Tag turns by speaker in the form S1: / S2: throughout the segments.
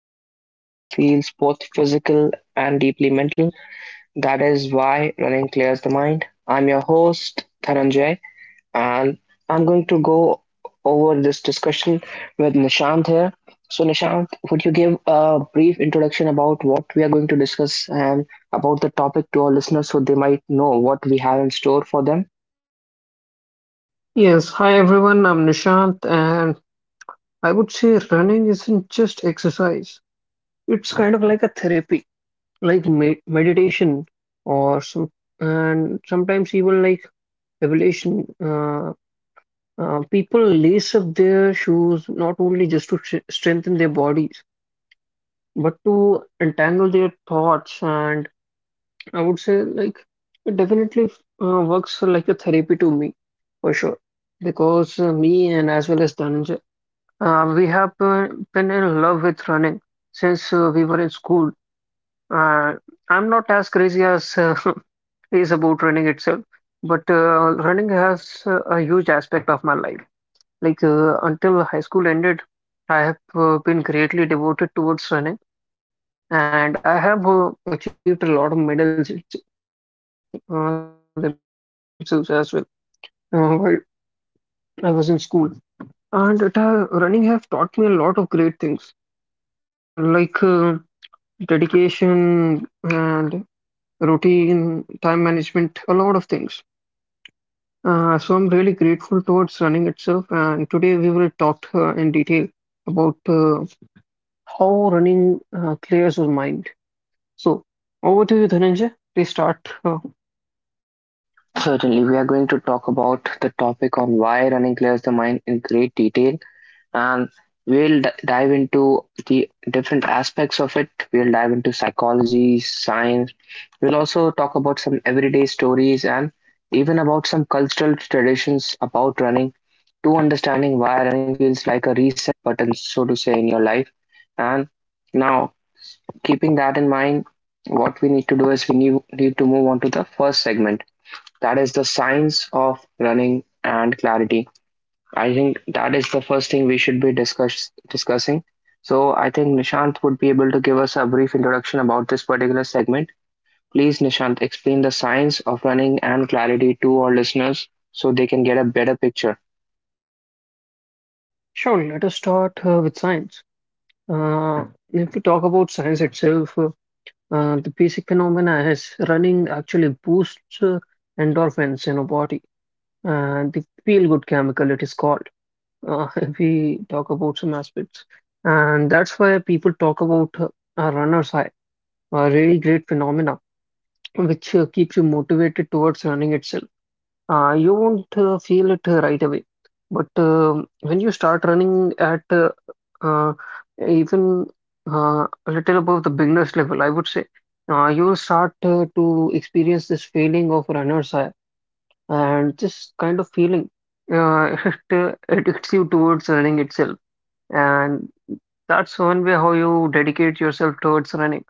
S1: exploring a theme that feels both physical and deeply mental. That is why running clears the mind. I'm your host, Dhananjay, and I'm going to go over this discussion with Nishant here. So, Nishant, would you give a brief introduction about what we are going to discuss and about the topic to our listeners so they might know what we have in store for them?
S2: Yes, hi everyone, I'm Nishant, and I would say running isn't just exercise. It's kind of like a therapy, like me meditation, or some, and sometimes even like evolution. People lace up their shoes not only just to strengthen their bodies, but to entangle their thoughts. And I would say, like, it definitely works like a therapy to me, for sure. Because me and as well as Dhananjay, we have been in love with running since we were in school. Uh, I'm not as crazy as is about running itself, but running has a huge aspect of my life. Like until high school ended, I have been greatly devoted towards running, and I have achieved a lot of medals themselves as well, while I was in school. And running have taught me a lot of great things, like, dedication and routine, time management, a lot of things. So I'm really grateful towards running itself. And today we will talk in detail about how running clears your mind. So over to you, Dhananjay. Please start. Uh,
S1: Certainly, we are going to talk about the topic on why running clears the mind in great detail, and we'll dive into the different aspects of it. We'll dive into psychology, science. We'll also talk about some everyday stories and even about some cultural traditions about running to understanding why running feels like a reset button, so to say, in your life. And now, keeping that in mind, what we need to do is we need to move on to the first segment that is the science of running and clarity. I think that is the first thing we should be discussing. So I think Nishant would be able to give us a brief introduction about this particular segment. Please, Nishant, explain the science of running and clarity to our listeners so they can get a better picture.
S2: sure, let us start with science. Uh, if we talk about science itself, the basic phenomena is running actually boosts endorphins in our body, and the feel good chemical it is called. If we talk about some aspects, and that's why people talk about a runner's high, a really great phenomena which keeps you motivated towards running itself. You won't feel it right away, but when you start running at, uh, even a little above the beginner's level, I would say you will start to experience this feeling of runner's high. And this kind of feeling, it hits you towards running itself. And that's one way how you dedicate yourself towards running.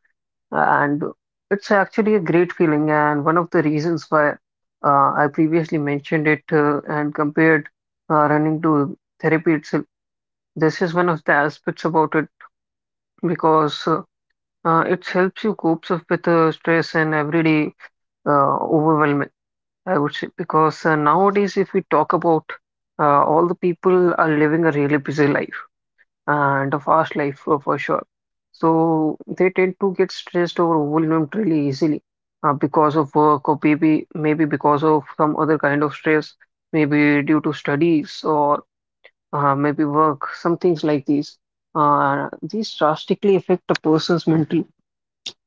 S2: And it's actually a great feeling, and one of the reasons why, I previously mentioned it, and compared running to therapy itself. This is one of the aspects about it, because it helps you cope up with stress and everyday overwhelm, I would say. Because nowadays, if we talk about, all the people are living a really busy life, and a fast life for sure. So they tend to get stressed or overwhelmed really easily, because of work, or maybe because of some other kind of stress, maybe due to studies, or maybe work, some things like these. These drastically affect a person's mental.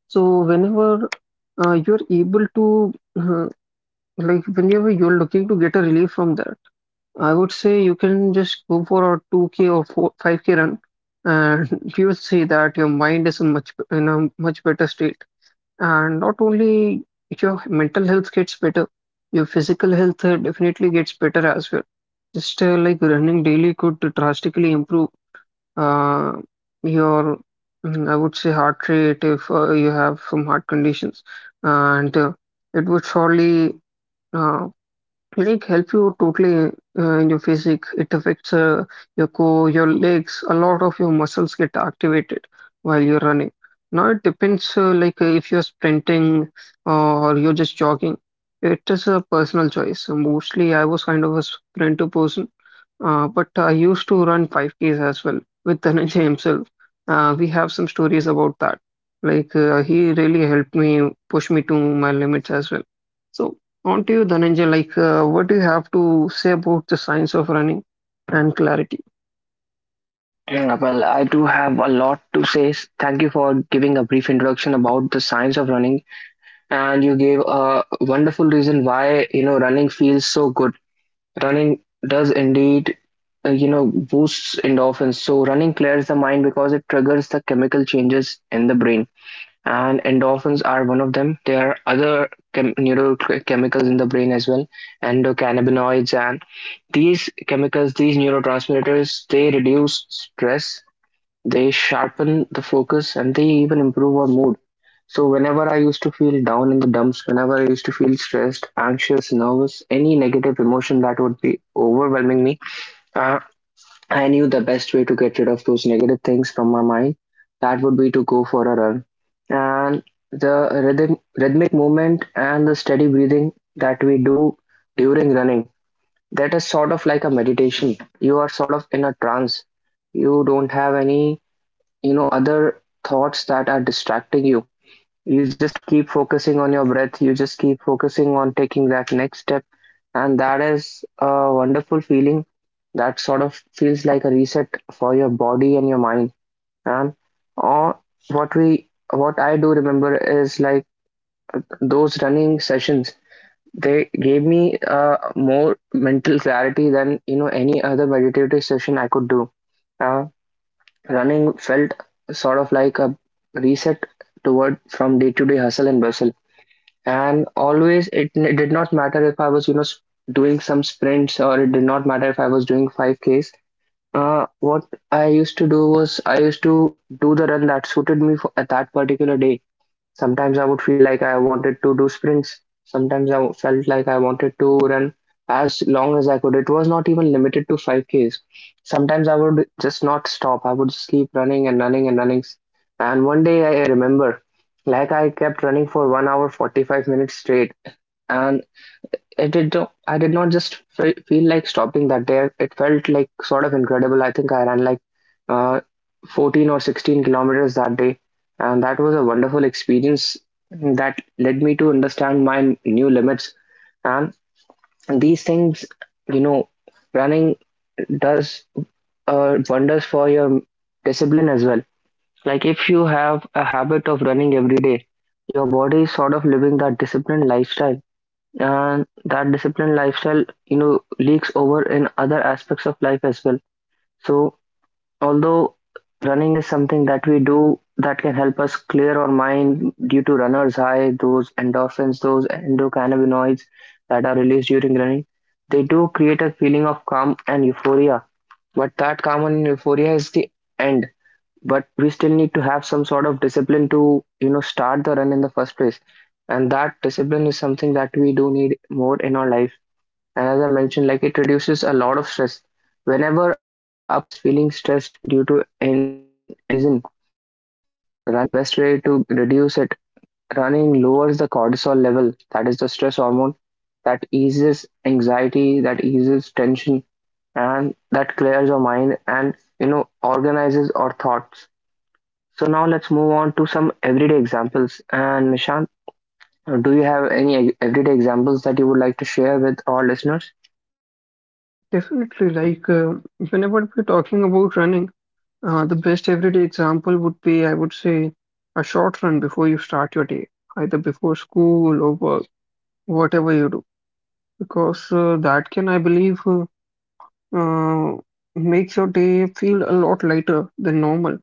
S2: So uh, you're able to uh, whenever you're looking to get a relief from that, I would say you can just go for a 2K or 4, 5K run, and you will see that your mind is in a much better state. And not only your mental health gets better, your physical health definitely gets better as well. Just like running daily could drastically improve uh, your, I would say, heart rate if you have some heart conditions, and it would surely uh, help you totally in your physique. It affects your core, your legs. A lot of your muscles get activated while you're running. Now it depends, like if you're sprinting or you're just jogging. It is a personal choice. So mostly, I was kind of a sprinter person, but I used to run 5Ks as well with Dhananjay himself. We have some stories about that. Like he really helped me push me to my limits as well. So on to you, Dhananjay. Like, what do you have to say about the science of running and clarity?
S1: Yeah, well, I do have a lot to say. Thank you for giving a brief introduction about the science of running, and you gave a wonderful reason why running feels so good. Running does indeed, boosts endorphins. So running clears the mind because it triggers the chemical changes in the brain, and endorphins are one of them. There are other neurochemicals in the brain as well, endocannabinoids, and these chemicals, these neurotransmitters, they reduce stress, they sharpen the focus, and they even improve our mood. So, whenever I used to feel down in the dumps, whenever I used to feel stressed, anxious, nervous, any negative emotion that would be overwhelming me, uh, I knew the best way to get rid of those negative things from my mind. That would be to go for a run. And the rhythmic movement and the steady breathing that we do during running, that is sort of like a meditation. You are sort of in a trance. You don't have any other thoughts that are distracting you. You just keep focusing on your breath, you just keep focusing on taking that next step, and that is a wonderful feeling that sort of feels like a reset for your body and your mind. And, or what we what I do remember is like those running sessions, they gave me more mental clarity than any other meditative session I could do. Uh, Running felt sort of like a reset toward from day-to-day hustle and bustle. And always it did not matter if I was, doing some sprints, or it did not matter if I was doing 5Ks. What I used to do was I used to do the run that suited me for, at that particular day. Sometimes I would feel like I wanted to do sprints. Sometimes I felt like I wanted to run as long as I could. It was not even limited to 5Ks. Sometimes I would just not stop. I would just keep running and running and running. And one day I remember, like I kept running for 1 hour 45 minutes straight. And it did not- I did not just feel like stopping that day. It felt like sort of incredible. I think I ran like uh, 14 or 16 kilometers that day, and that was a wonderful experience that led me to understand my new limits. And these things, you know, running does wonders for your discipline as well. Like if you have a habit of running every day, your body is sort of living that disciplined lifestyle, and that disciplined lifestyle leaks over in other aspects of life as well. So although running is something that we do that can help us clear our mind due to runner's high, those endorphins, those endocannabinoids that are released during running, they do create a feeling of calm and euphoria, but that calm and euphoria is the end, but we still need to have some sort of discipline to start the run in the first place. And that discipline is something that we do need more in our life. And as I mentioned, like it reduces a lot of stress. Whenever a person is feeling stressed due to any reason, running is the best way to reduce it. Running lowers the cortisol level, that is the stress hormone, that eases anxiety, that eases tension, and that clears your mind and organizes our thoughts. So now let's move on to some everyday examples. And Nishant, do you have any everyday examples that you would like to share with our listeners?
S2: Definitely, like, whenever we're talking about running, the best everyday example would be, I would say, a short run before you start your day, either before school or work, whatever you do, because that can, I believe, uh, make your day feel a lot lighter than normal.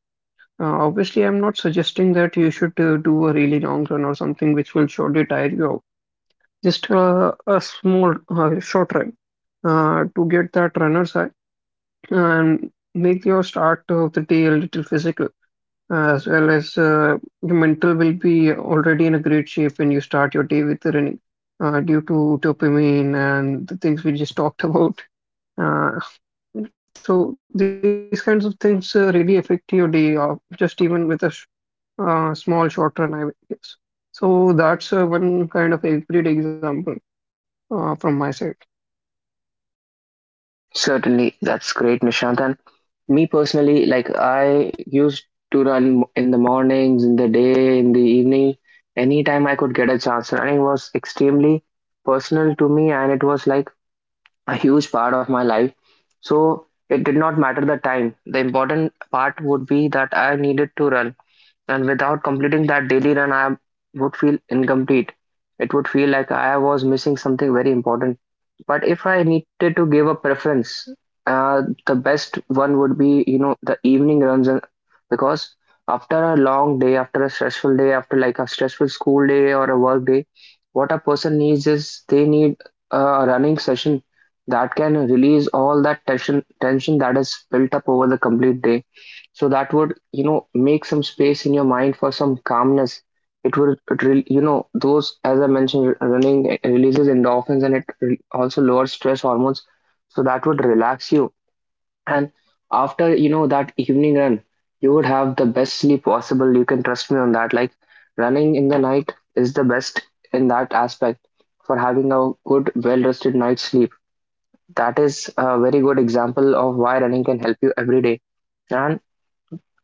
S2: Obviously, I'm not suggesting that you should do a really long run or something which will surely tire you out. Just a small short run to get that runner's high and make your start of the day a little physical, as well as, your mental will be already in a great shape when you start your day with the running, due to dopamine and the things we just talked about. Uh, so these kinds of things really affect your day of just even with a small short run, I guess. So that's one kind of a great example from my side.
S1: Certainly, that's great, Nishant. And me personally, like I used to run in the mornings, in the day, in the evening. Anytime I could get a chance, running was extremely personal to me, and it was like a huge part of my life. So it did not matter the time. The important part would be that I needed to run. And without completing that daily run, I would feel incomplete. It would feel like I was missing something very important. But if I needed to give a preference, the best one would be, the evening runs, because after a long day, after a stressful day, after like a stressful school day or a work day, what a person needs is they need a running session that can release all that tension that is built up over the complete day. So that would make some space in your mind for some calmness. It would, those, as I mentioned, running releases endorphins, and also lowers stress hormones. So that would relax you. And after that evening run, you would have the best sleep possible. You can trust me on that. Like running in the night is the best in that aspect for having a good, well rested night's sleep. That is a very good example of why running can help you every day, and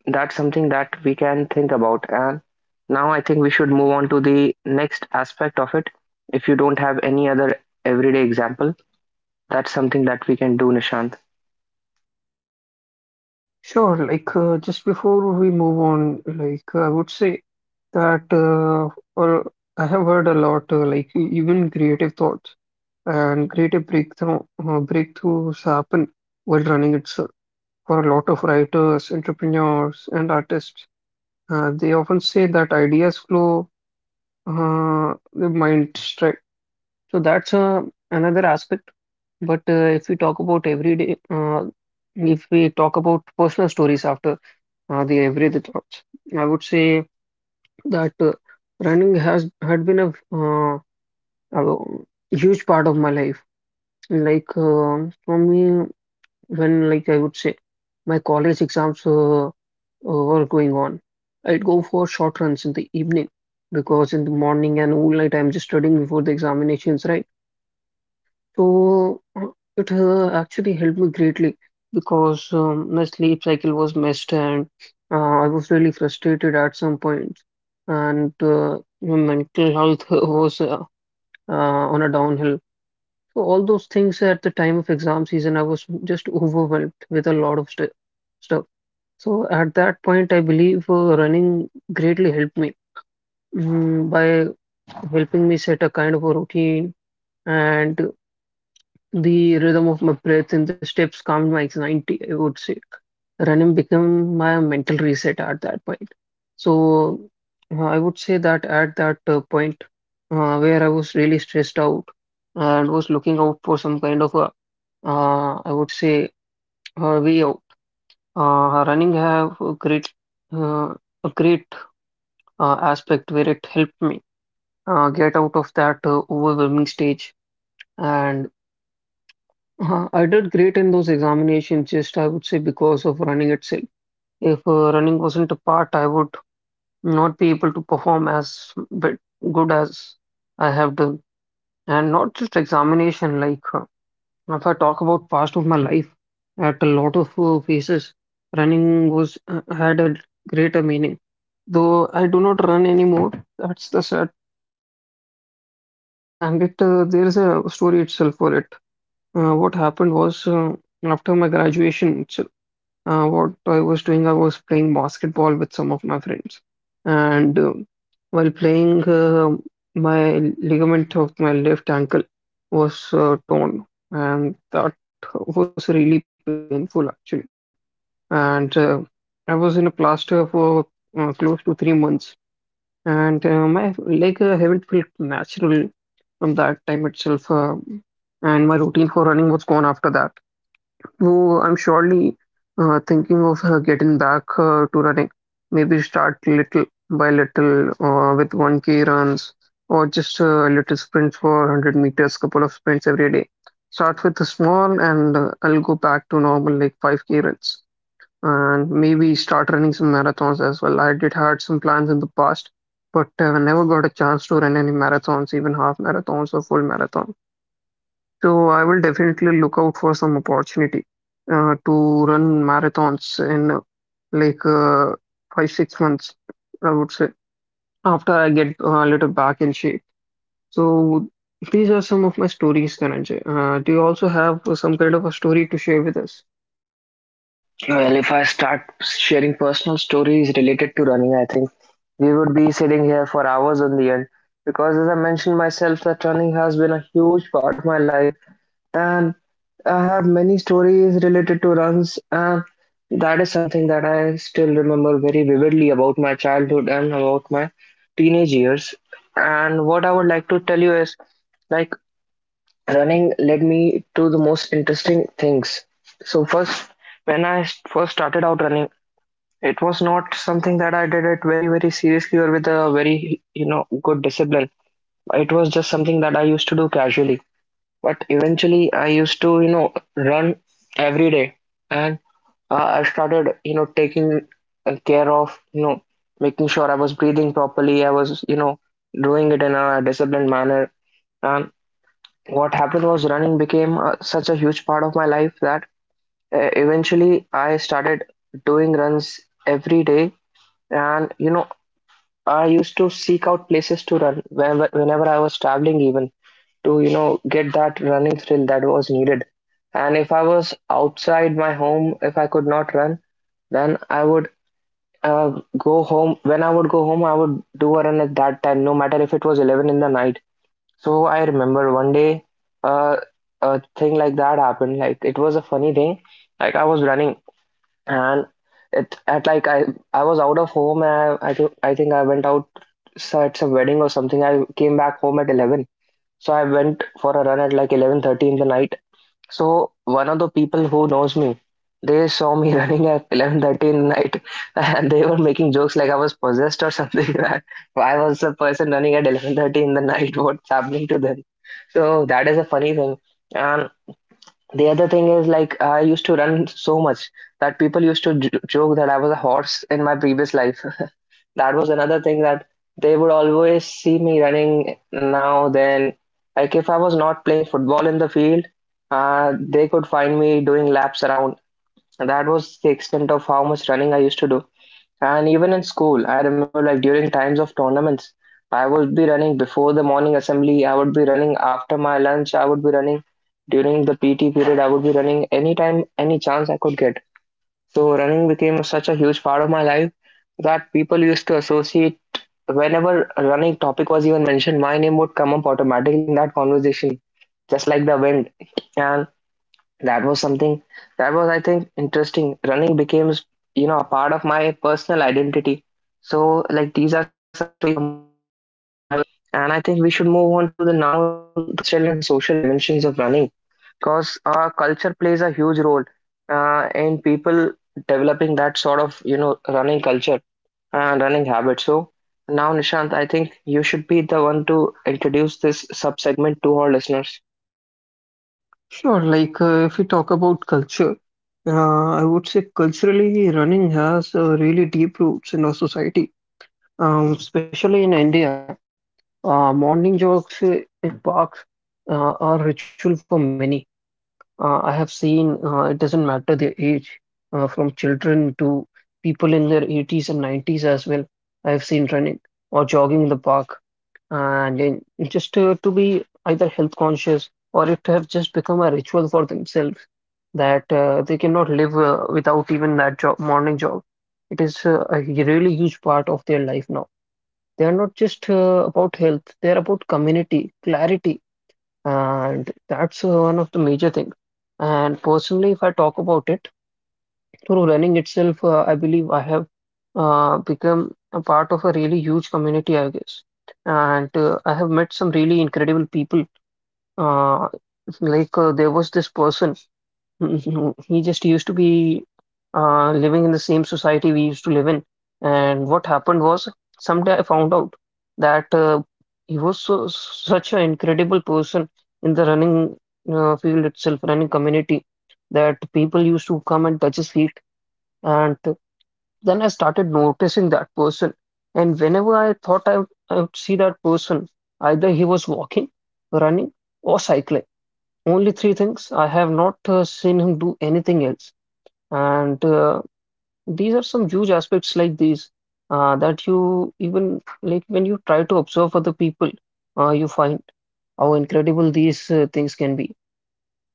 S1: that's something that we can think about. And now I think we should move on to the next aspect of it. If you don't have any other everyday example, that's something that we can do, Nishant.
S2: Sure, like just before we move on, like I would say that or I have heard a lot, like, even creative thoughts and creative breakthroughs happen while running itself. For a lot of writers, entrepreneurs, and artists, they often say that ideas flow, the mind strike. So that's another aspect. But if we talk about everyday, if we talk about personal stories after, the everyday thoughts. I would say that running has had been uh, a huge part of my life. Like for me, when, like, I would say my college exams were going on, I'd go for short runs in the evening, because in the morning and all night I'm just studying before the examinations, right? So it actually helped me greatly, because my sleep cycle was messed, and uh, I was really frustrated at some point, and my mental health was on a downhill. So all those things at the time of exam season, I was just overwhelmed with a lot of st stuff. So at that point, I believe running greatly helped me, by helping me set a kind of a routine, and the rhythm of my breath and the steps calmed my anxiety, I would say. Running became my mental reset at that point. So I would say that at that point, where I was really stressed out and was looking out for some kind of a, I would say, way out. Running have uh, a great aspect where it helped me get out of that overwhelming stage. And I did great in those examinations, just I would say because of running itself. If running wasn't a part, I would not be able to perform as bit good as I have done. And not just examination, like if I talk about past of my life, at a lot of phases, running was had a greater meaning. Though I do not run anymore, that's the sad. And it there is a story itself for it. What happened was, after my graduation, what I was doing, I was playing basketball with some of my friends. And while playing, my ligament of my left ankle was torn, and that was really painful actually. And I was in a plaster for close to 3 months, and my leg haven't felt natural from that time itself. And my routine for running was gone after that. Oh, I'm surely thinking of getting back to running. Maybe start little by little, with 1K runs, or just a little sprint for 100 meters, couple of sprints every day. Start with a small and I'll go back to normal, like 5K runs, and maybe start running some marathons as well. I did had some plans in the past, but never got a chance to run any marathons, even half marathons or full marathons. So I will definitely look out for some opportunity to run marathons in, like, 5, 6 months, I would say, after I get a little back in shape. So these are some of my stories, Dhananjay. Do you also have some kind of a story to share with us?
S1: Well, if I start sharing personal stories related to running, I think we would be sitting here for hours on the end because, as I mentioned myself, that running has been a huge part of my life. And I have many stories related to runs, and that is something that I still remember very vividly about my childhood and about my teenage years. And what I would like to tell you is like running led me to the most interesting things. So, first, when I first started out running, it was not something that I did it very, very seriously or with a very, good discipline. It was just something that I used to do casually, but eventually, I used to, run every day, and I started, taking care of, making sure I was breathing properly. I was, doing it in a disciplined manner. And what happened was running became such a huge part of my life that eventually I started doing runs every day. And, I used to seek out places to run whenever I was traveling, even to get that running skill that was needed. And if I was outside my home, if I could not run, then I would go home. When I would go home, I would do a run at that time, no matter if it was 11 in the night. So I remember one day, uh, a thing like that happened. Like it was a funny thing. Like I was running and it at like I was out of home. And I think I went out so at some wedding or something. I came back home at 11, so I went for a run at like 11:30 in the night. So one of the people who knows me, they saw me running at 11:30 in the night, and they were making jokes like I was possessed or something. That why was a person running at 11:30 in the night? What's happening to them? So that is a funny thing. And the other thing is like I used to run so much that people used to joke that I was a horse in my previous life. That was another thing, that they would always see me running now then, like if I was not playing football in the field, they could find me doing laps around. And that was the extent of how much running I used to do. And even in school, I remember like during times of tournaments, I would be running before the morning assembly, I would be running after my lunch, I would be running during the PT period, I would be running anytime, any chance I could get. So running became such a huge part of my life that people used to associate, whenever a running topic was even mentioned, my name would come up automatically in that conversation, just like the wind. And that was something that was, I think, interesting. Running became, a part of my personal identity. So, like, these are some stories from my personal life. And I think we should move on to the now the cultural and social dimensions of running, because culture plays a huge role in people developing that sort of, you know, running culture and running habit. So now, Nishant, I think you should be the one to introduce this sub segment to our listeners.
S2: Sure, like if we talk about culture, I would say culturally running has really deep roots in our society, especially in India. Morning walks in parks are ritual for many. I have seen, it doesn't matter their age, from children to people in their 80s and 90s as well. I have seen running or jogging in the park, and in, just to be either health conscious, or it have just become a ritual for themselves that they cannot live without even that jog, morning jog. It is a really huge part of their life now. They are not just about health, they are about community, clarity, and that's one of the major things. And personally, if I talk about it, through running itself, I believe I have become a part of a really huge community, I guess. And I have met some really incredible people. Uh, there was this person. Mhm. He just used to be living in the same society we used to live in. And what happened was, someday I found out that he was so, such an incredible person in the running field itself, running community, that people used to come and touch his feet. And then I started noticing that person. And whenever I thought I would see that person, either he was walking, running, or cycling. Only three things. I have not seen him do anything else. And these are some huge aspects like these that you even like when you try to observe other people, you find how incredible these things can be.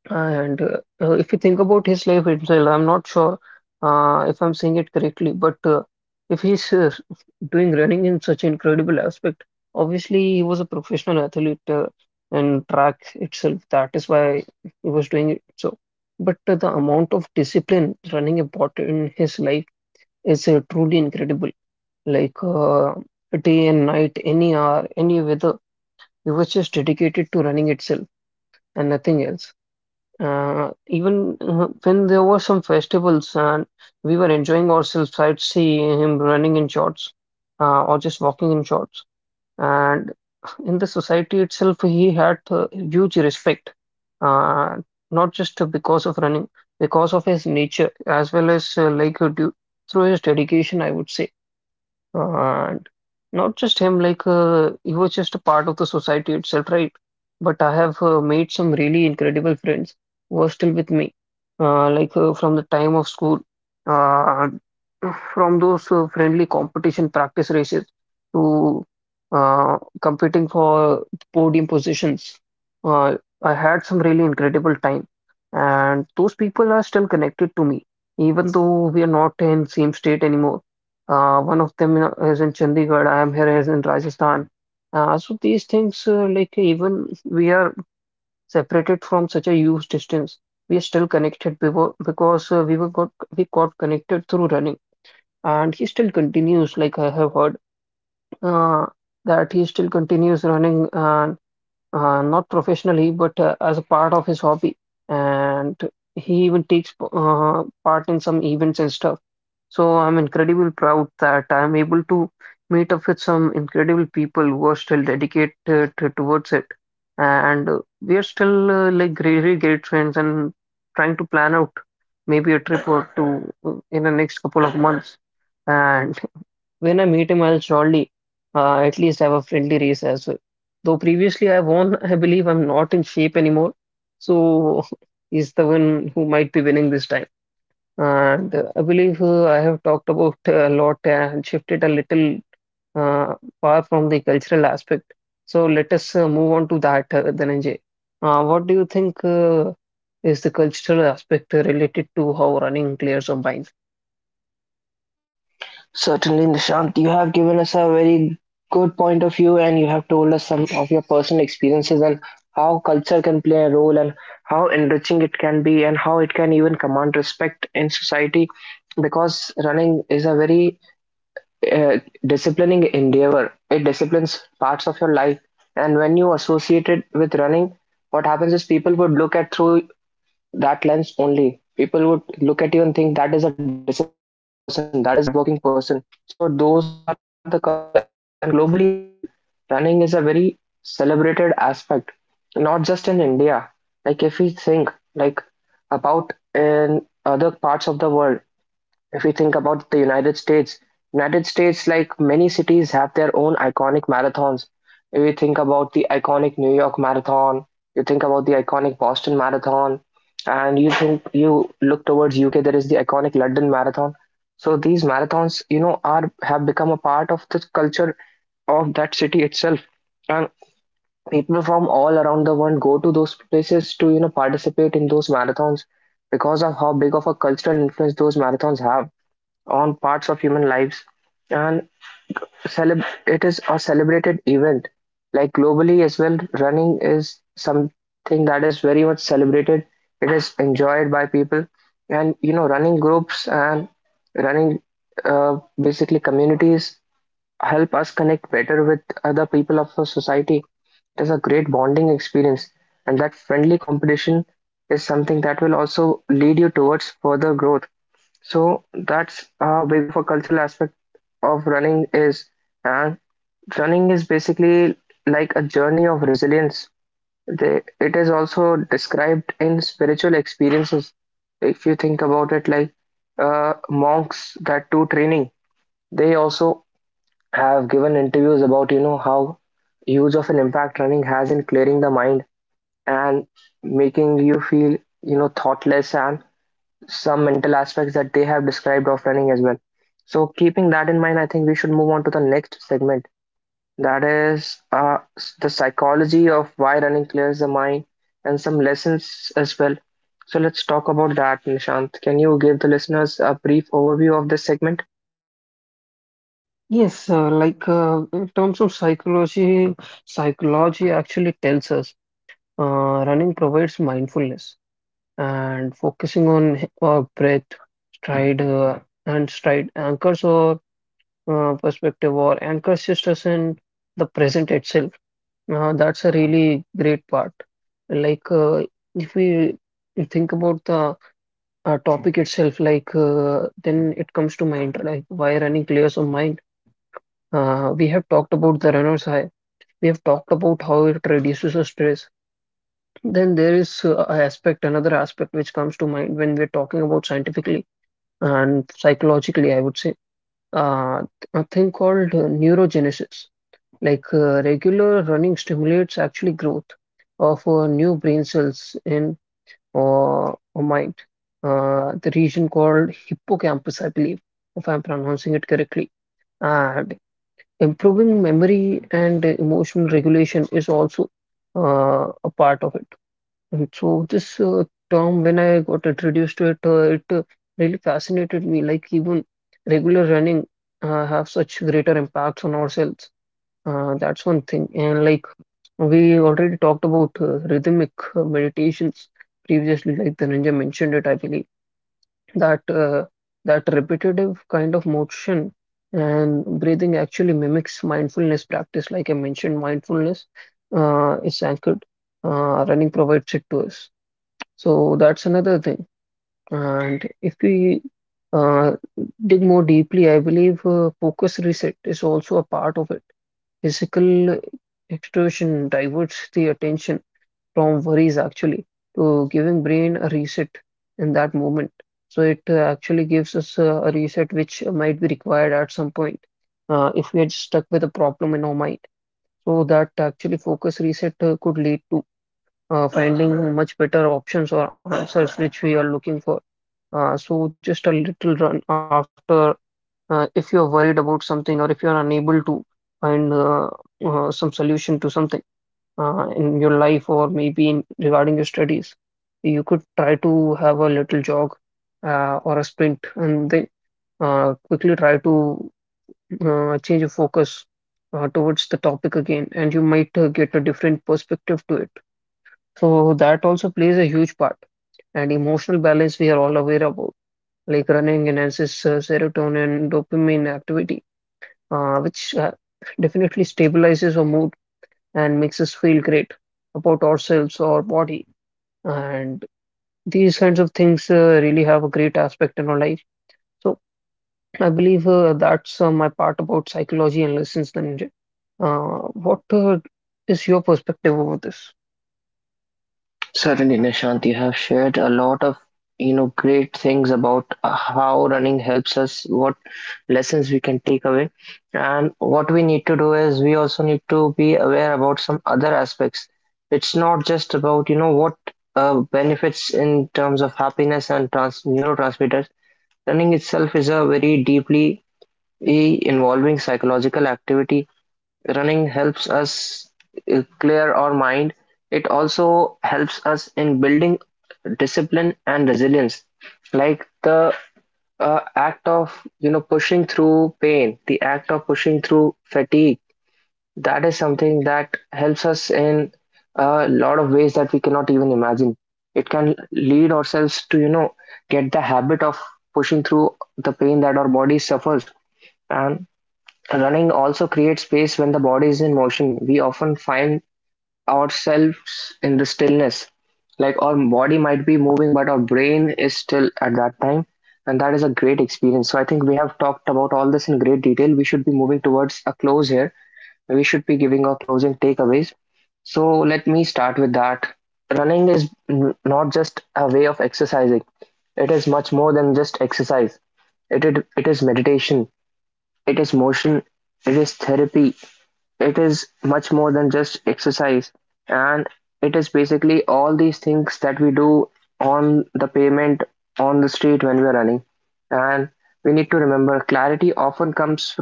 S2: And if you think about his life itself, I'm not sure if I'm saying it correctly, but if he's doing running in such incredible aspect, obviously he was a professional athlete in track itself. That is why he was doing it. So, but the amount of discipline running about in his life is truly incredible. Like day and night, any hour, any weather, he was just dedicated to running itself and nothing else. Even when there were some festivals and we were enjoying ourselves, I'd see him running in shorts or just walking in shorts. And in the society itself, he had huge respect, uh, not just because of running, because of his nature as well as through his dedication, I would say. And not just him, he was just a part of the society itself, right? But I have made some really incredible friends who are still with me, from the time of school, uh, from those friendly competition practice races to competing for podium positions. Uh, I had some really incredible time, and those people are still connected to me, even though we are not in same state anymore. One of them is in Chandigarh. I am here is in Rajasthan. So these things, like even we are separated from such a huge distance, we are still connected because we got connected through running, and he still continues. Like I have heard uh, that he still continues running, and not professionally, but as a part of his hobby, and he even takes part in some events and stuff. So I'm incredibly proud that I'm able to meet up with some incredible people who are still dedicated towards it. And we are still really really great friends and trying to plan out maybe a trip or two in the next couple of months. And when I meet him, I'll surely at least have a friendly race as well. Though previously I won, I believe I'm not in shape anymore. So he's the one who might be winning this time. And I believe I have talked about a lot and shifted a little uh, far from the cultural aspect. So let us move on to that, Dhananjay. What do you think is the cultural aspect related to how running players are mind?
S1: Certainly, Nishant, you have given us a very good point of view, and you have told us some of your personal experiences and how culture can play a role, and how enriching it can be, and how it can even command respect in society, because running is a very a disciplining endeavor. It disciplines parts of your life. And when you associate it with running, what happens is people would look at through that lens only. People would look at you and think that is a disciplined person, that is a hardworking person. So those are the cultural aspects. And globally as well, running is a very celebrated aspect, not just in India. Like if we think like about in other parts of the world, if we think about the United States, like many cities, have their own iconic marathons. If you think about the iconic New York Marathon, you think about the iconic Boston Marathon, and you think you look towards UK, there is the iconic London Marathon. So these marathons, you know, are have become a part of the culture of that city itself, and people from all around the world go to those places to, you know, participate in those marathons, because of how big of a cultural influence those marathons have on parts of human lives. And it is a celebrated event. Like globally as well, running is something that is very much celebrated, it is enjoyed by people. And, you know, running groups and running basically communities help us connect better with other people of our society. It is a great bonding experience, and that friendly competition is something that will also lead you towards further growth. So that's how big of a cultural aspect of running is. And running is basically like a journey of resilience. They, it is also described in spiritual experiences. If you think about it, like monks that do training, they also have given interviews about, you know, how huge of an impact running has in clearing the mind and making you feel, you know, thoughtless, and some mental aspects that they have described of running as well. So, keeping that in mind, I think we should move on to the next segment, that is the psychology of why running clears the mind and some lessons as well. So, let's talk about that, Nishant. Can you give the listeners a brief overview of this segment?
S2: Yes, in terms of psychology, psychology actually tells us uh, running provides mindfulness and focusing on our breath, stride, and stride anchors or perspective or anchors us in the present itself. That's a really great part. Like, uh, if we think about the topic itself, then it comes to mind, like, why running clears our mind. We have talked about the runner's high. We have talked about how it reduces the stress. Then there is a aspect, another aspect which comes to mind when we're talking about scientifically and psychologically, I would say, uh, a thing called neurogenesis. Like regular running stimulates actually growth of new brain cells in or mind, the region called hippocampus, I believe, if I'm pronouncing it correctly. And improving memory and emotional regulation is also a part of it. And so this term, when I got introduced to it, really fascinated me. Like even regular running have such greater impacts on ourselves. That's one thing. And like we already talked about rhythmic meditations previously, like Dhananjay mentioned it, I believe. That uh, that repetitive kind of motion and breathing actually mimics mindfulness practice. Like I mentioned, mindfulness is anchored. Running provides it to us. So that's another thing. And if we uh, dig more deeply, I believe focus reset is also a part of it. Physical exertion diverts the attention from worries actually to giving brain a reset in that moment. So it actually gives us a reset which might be required at some point if we are stuck with a problem in our mind. So that actually focus reset could lead to finding much better options or answers which we are looking for. So just a little run after if you're worried about something or if you're unable to find some solution to something in your life or maybe in regarding your studies, you could try to have a little jog or a sprint and then quickly try to change your focus towards the topic again, and you might get a different perspective to it. So that also plays a huge part. And emotional balance we are all aware about, like running enhances serotonin and dopamine activity, which definitely stabilizes our mood and makes us feel great about ourselves or our body. And these kinds of things really have a great aspect in our life. So I believe that's my part about psychology and lessons, Dhananjay. What is your perspective over this?
S1: Certainly, Nishant, you have shared a lot of, you know, great things about how running helps us, what lessons we can take away, and what we need to do is we also need to be aware about some other aspects. It's not just about, you know, what benefits in terms of happiness and neurotransmitters. Running itself is a very deeply involving psychological activity. Running helps us clear our mind. It also helps us in building discipline and resilience. Like the act of, you know, pushing through pain, the act of pushing through fatigue. That is something that helps us in a lot of ways that we cannot even imagine. It can lead ourselves to, you know, get the habit of pushing through the pain that our body suffers. And running also creates space when the body is in motion. We often find ourselves in the stillness, like our body might be moving, but our brain is still at that time, and that is a great experience. So I think we have talked about all this in great detail. We should be moving towards a close here. We should be giving our closing takeaways. So let me start with that. Running is not just a way of exercising; it is much more than just exercise. It is meditation. It is motion, it is therapy, it is much more than just exercise, and it is basically all these things that we do on the pavement, on the street when we are running. And we need to remember clarity often comes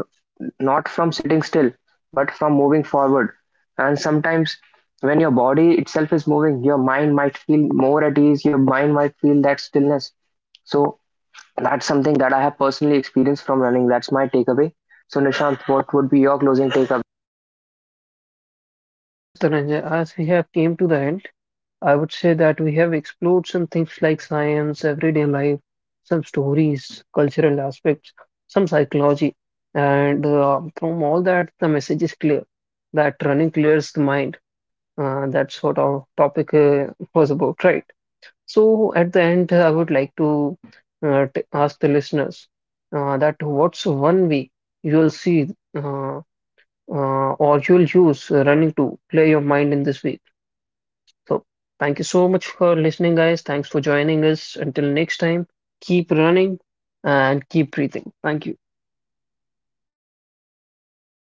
S1: not from sitting still, but from moving forward. And sometimes when your body itself is moving, your mind might feel more at ease, your mind might feel that stillness. So that's something that I have personally experienced from running. That's my takeaway. So, Nishant, what would be your closing takeaway?
S2: Yes, Dhananjay, as we have came to the end, I would say that we have explored some things like science, everyday life, some stories, cultural aspects, some psychology. And from all that, the message is clear that running clears the mind. That's what our topic was about, right? So at the end, I would like to t ask the listeners that what's one way you'll see uh, or you'll use running to clear your mind in this week? So, thank you so much for listening, guys. Thanks for joining us. Until next time, keep running and keep breathing. Thank you.